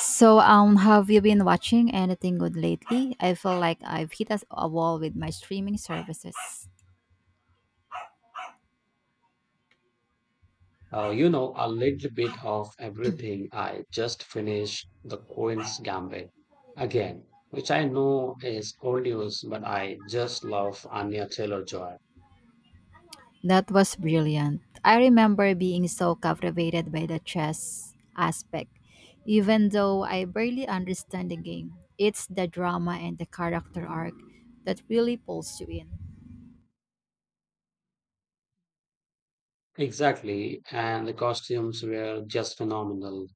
So, have you been watching anything good lately? I feel like I've hit a wall with my streaming services. A little bit of everything. I just finished The Queen's Gambit again, which I know is old news, but I just love Anya Taylor-Joy. That was brilliant. I remember being so captivated by the chess aspect, even though I barely understand the game. It's the drama and the character arc that really pulls you in. Exactly, and the costumes were just phenomenal.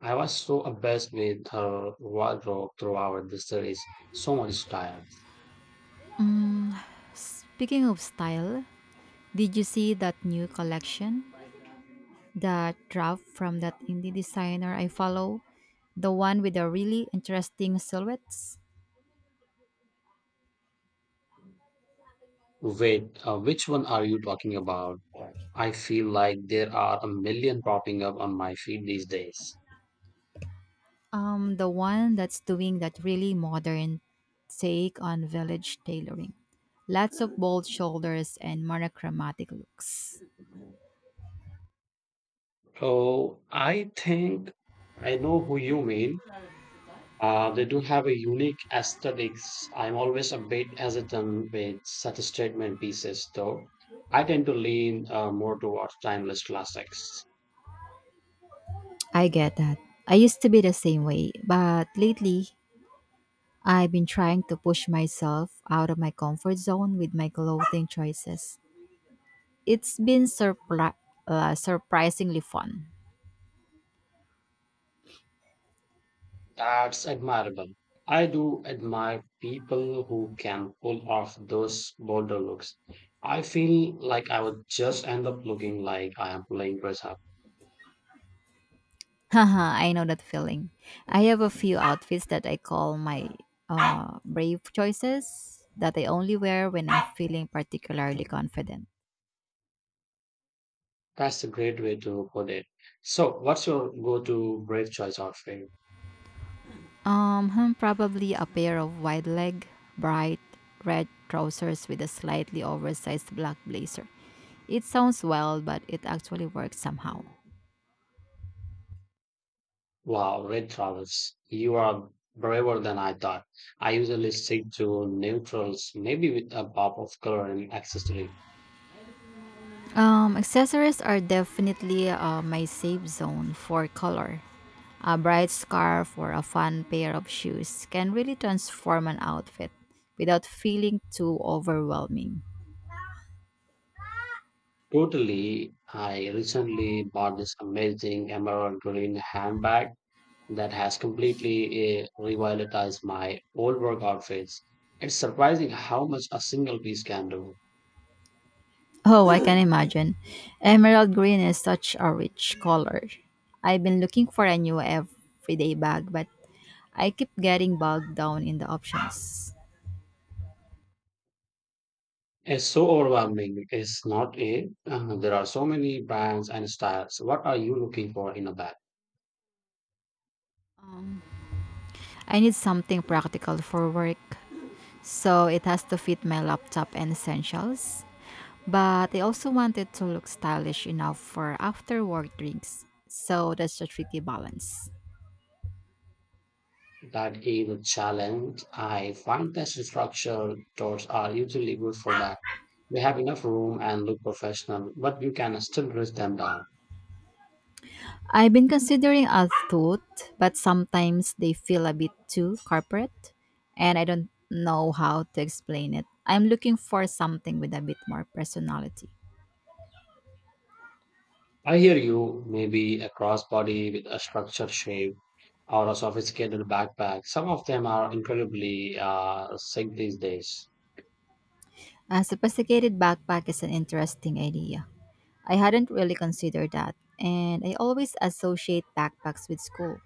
I was so obsessed with her wardrobe throughout the series. So much style. Speaking of style, did you see that new collection? The draft from that indie designer I follow, the one with the really interesting silhouettes, Wait, which one are you talking about? I feel like there are a million popping up on my feed these days. The one that's doing that really modern take on village tailoring. Lots of bold shoulders and monochromatic looks. Oh, I think I know who you mean. They do have a unique aesthetics. I'm always a bit hesitant with such statement pieces, though. I tend to lean more towards timeless classics. I get that. I used to be the same way, but lately I've been trying to push myself out of my comfort zone with my clothing choices. It's been surprisingly fun. That's admirable. I do admire people who can pull off those bolder looks. I feel like I would just end up looking like I am playing dress up. Haha, I know that feeling. I have a few outfits that I call my brave choices that I only wear when I'm feeling particularly confident. That's a great way to put it. So, what's your go-to brave choice outfit? Probably a pair of wide leg, bright red trousers with a slightly oversized black blazer. It sounds wild, but it actually works somehow. Wow, red Travis, you are braver than I thought. I usually stick to neutrals, maybe with a pop of color and accessory. Accessories are definitely my safe zone for color. A bright scarf or a fun pair of shoes can really transform an outfit without feeling too overwhelming. Totally, I recently bought this amazing emerald green handbag that has completely revitalized my old work outfits. It's surprising how much a single piece can do. Oh, I can imagine. Emerald green is such a rich color. I've been looking for a new everyday bag, but I keep getting bogged down in the options. It's so overwhelming. It's not a. There are so many brands and styles. What are you looking for in a bag? I need something practical for work, so it has to fit my laptop and essentials. But I also wanted to look stylish enough for after work drinks, so that's a tricky balance. That is a challenge. I find that structured doors are usually good for that. They have enough room and look professional, but you can still dress them down. I've been considering a tote, but sometimes they feel a bit too corporate, and I don't know how to explain it. I'm looking for something with a bit more personality. I hear you, maybe a crossbody with a structured shape or a sophisticated backpack. Some of them are incredibly sick these days. A sophisticated backpack is an interesting idea. I hadn't really considered that, and I always associate backpacks with school.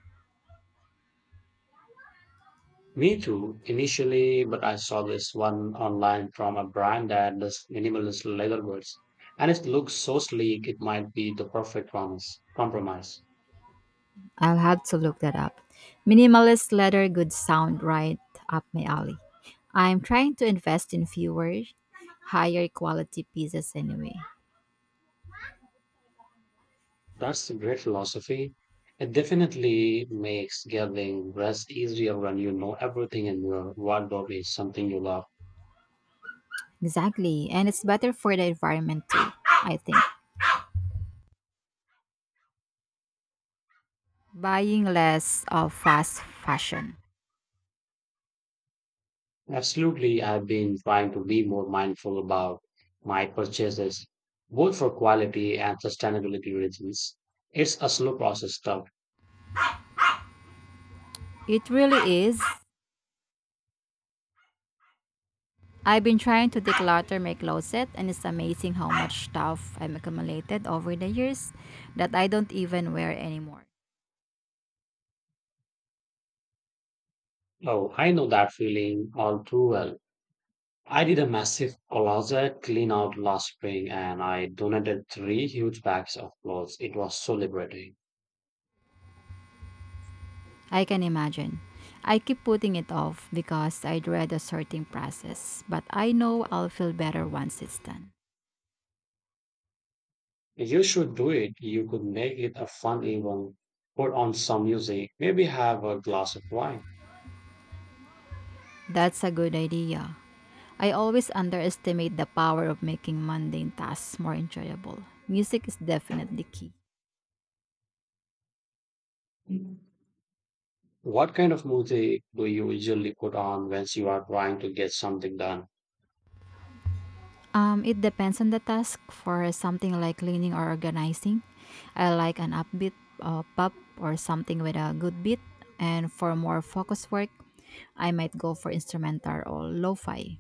Me too, initially, but I saw this one online from a brand that does minimalist leather goods, and it looks so sleek, it might be the perfect compromise. I'll have to look that up. Minimalist leather goods sound right up my alley. I'm trying to invest in fewer, higher quality pieces anyway. That's a great philosophy. It definitely makes getting rest easier when you know everything in your wardrobe is something you love. Exactly, and it's better for the environment too, I think. Buying less of fast fashion. Absolutely, I've been trying to be more mindful about my purchases, both for quality and sustainability reasons. It's a slow process, though. It really is. I've been trying to declutter my closet, and it's amazing how much stuff I've accumulated over the years that I don't even wear anymore. Oh, I know that feeling all too well. I did a massive closet clean out last spring and I donated three huge bags of clothes. It was so liberating. I can imagine. I keep putting it off because I dread the sorting process, but I know I'll feel better once it's done. You should do it. You could make it a fun event. Put on some music, maybe have a glass of wine. That's a good idea. I always underestimate the power of making mundane tasks more enjoyable. Music is definitely key. What kind of music do you usually put on when you are trying to get something done? It depends on the task. For something like cleaning or organizing, I like an upbeat pop or something with a good beat. And for more focused work, I might go for instrumental or lo-fi.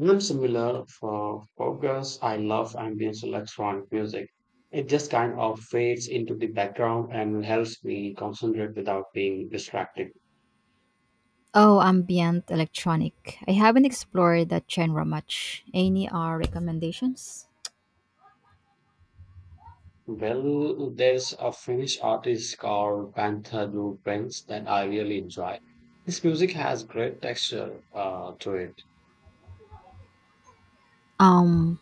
I'm similar for focus. I love ambient electronic music. It just kind of fades into the background and helps me concentrate without being distracted. Oh, ambient electronic. I haven't explored that genre much. Any recommendations? Well, there's a Finnish artist called Panther Du Prince that I really enjoy. His music has great texture to it. Um,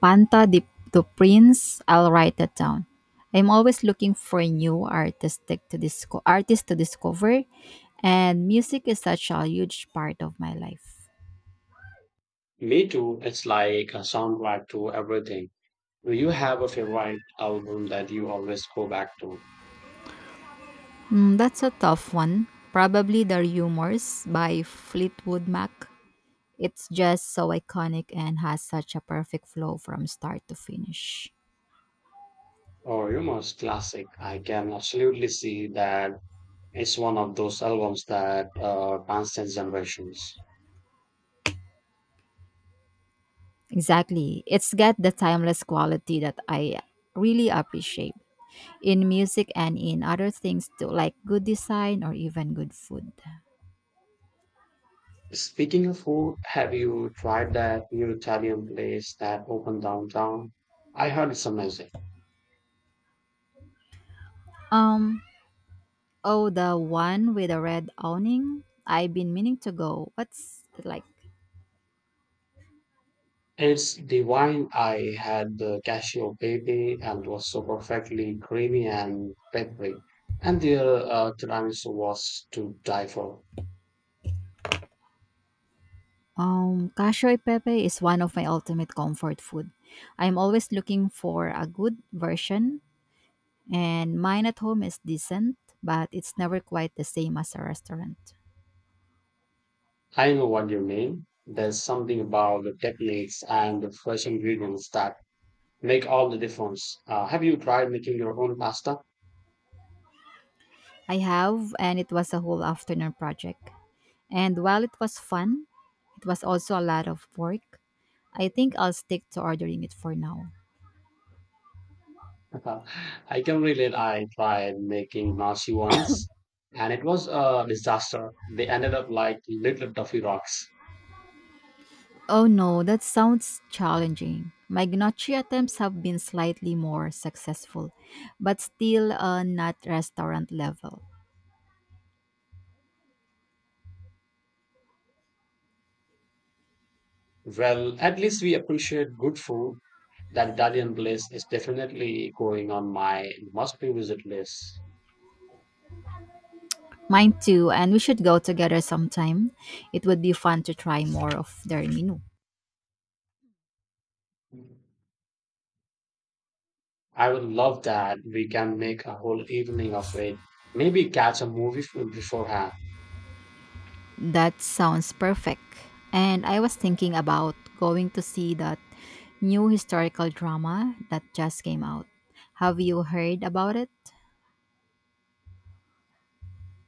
Panta de Prince. I'll write that down. I'm always looking for new artistic to disco artists to discover, and music is such a huge part of my life. Me too, it's like a soundtrack to everything. Do you have a favorite album that you always go back to? Mm, that's a tough one. Probably The Rumors by Fleetwood Mac. It's just so iconic and has such a perfect flow from start to finish. Or your most classic? I can absolutely see that it's one of those albums that transcends generations. Exactly. It's got the timeless quality that I really appreciate in music and in other things too, like good design or even good food. Speaking of food, have you tried that new Italian place that opened downtown? I heard it's amazing. Um, oh, the one with the red awning. I've been meaning to go. What's it like? It's divine. I had the cashew baby and it was so perfectly creamy and peppery. And the tiramisu was to die for. Cashoy pepe is one of my ultimate comfort food. I'm always looking for a good version, and mine at home is decent, but it's never quite the same as a restaurant. I know what you mean. There's something about the techniques and the fresh ingredients that make all the difference. Have you tried making your own pasta? I have, and it was a whole afternoon project. And while it was fun, it was also a lot of work. I think I'll stick to ordering it for now. I can relate. I tried making nasi once, and it was a disaster. They ended up like little toffee rocks. Oh no, that sounds challenging. My gnocchi attempts have been slightly more successful, but still not restaurant level. Well, at least we appreciate good food. That Italian place is definitely going on my must be visit list. Mine too, and we should go together sometime. It would be fun to try more of their menu. I would love that. We can make a whole evening of it. Maybe catch a movie beforehand. That sounds perfect. And I was thinking about going to see that new historical drama that just came out. Have you heard about it?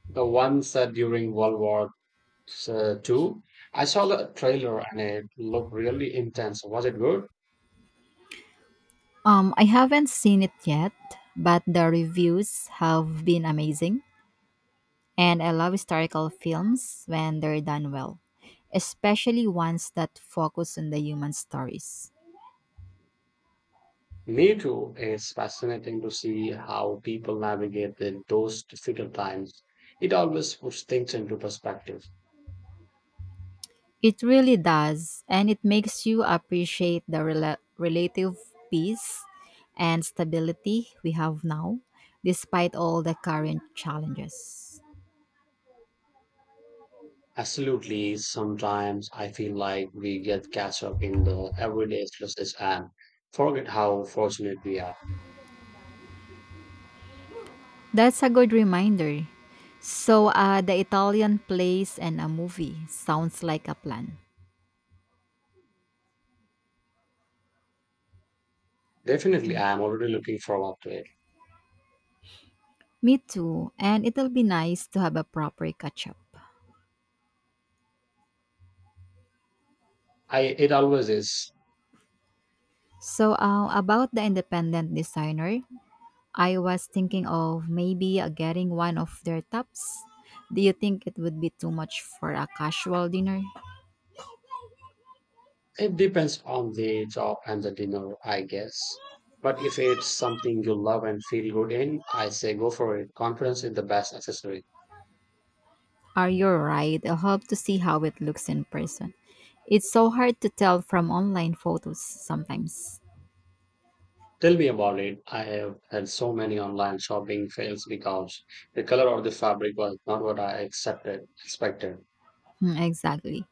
The one set during World War II. I saw the trailer and it looked really intense. Was it good? I haven't seen it yet, but the reviews have been amazing. And I love historical films when they're done well, especially ones that focus on the human stories. Me too. It's fascinating to see how people navigate in those difficult times. It always puts things into perspective. It really does, and it makes you appreciate the relative peace and stability we have now, despite all the current challenges. Absolutely. Sometimes I feel like we get catch up in the everyday stresses and forget how fortunate we are. That's a good reminder. So, the Italian place and a movie sounds like a plan. Definitely, I am already looking forward to it. Me too, and it'll be nice to have a proper catch up. I It always is. So, about the independent designer, I was thinking of maybe getting one of their tops. Do you think it would be too much for a casual dinner? It depends on the job and the dinner, I guess. But if it's something you love and feel good in, I say go for it. Confidence is the best accessory. Are you right? I'll have to see how it looks in person. It's so hard to tell from online photos sometimes. Tell me about it. I have had so many online shopping fails because the color or the fabric was not what I accepted expected. Hmm, exactly.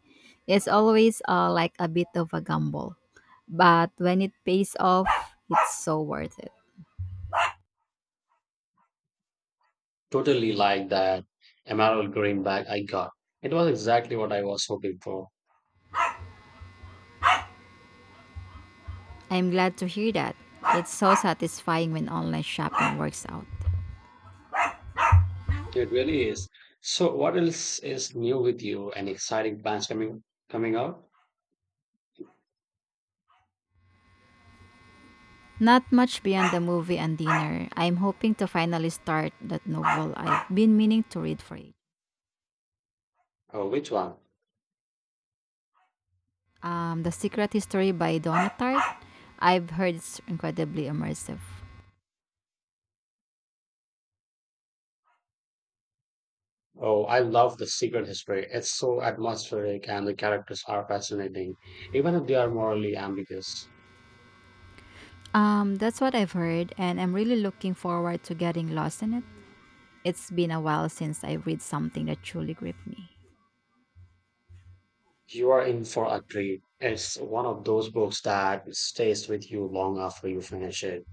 It's always like a bit of a gamble, but when it pays off, it's so worth it. Totally like that emerald green bag I got. It was exactly what I was hoping for. I'm glad to hear that. It's so satisfying when online shopping works out. It really is. So, what else is new with you? Any exciting plans coming out? Not much beyond the movie and dinner. I'm hoping to finally start that novel I've been meaning to read for ages. Oh, which one? The Secret History by Donna Tartt. I've heard it's incredibly immersive. Oh, I love The Secret History. It's so atmospheric and the characters are fascinating, even if they are morally ambiguous. That's what I've heard, and I'm really looking forward to getting lost in it. It's been a while since I read something that truly gripped me. You are in for a treat. It's one of those books that stays with you long after you finish it.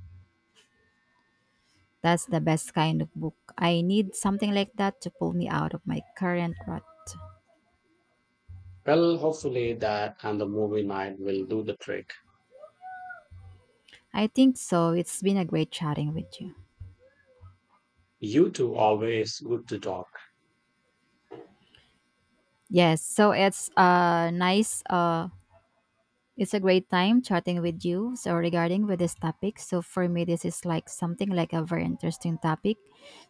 That's the best kind of book. I need something like that to pull me out of my current rut. Well, hopefully that and the movie night will do the trick. I think so. It's been a great chatting with you. You two always good to talk. Yes, so it's a great time chatting with you, so regarding with this topic. So for me this is like something like a very interesting topic.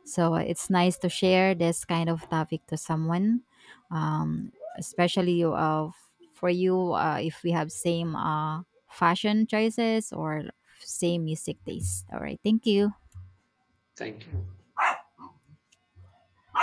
So it's nice to share this kind of topic to someone especially for you, if we have same fashion choices or same music taste. All right. Thank you. Thank you.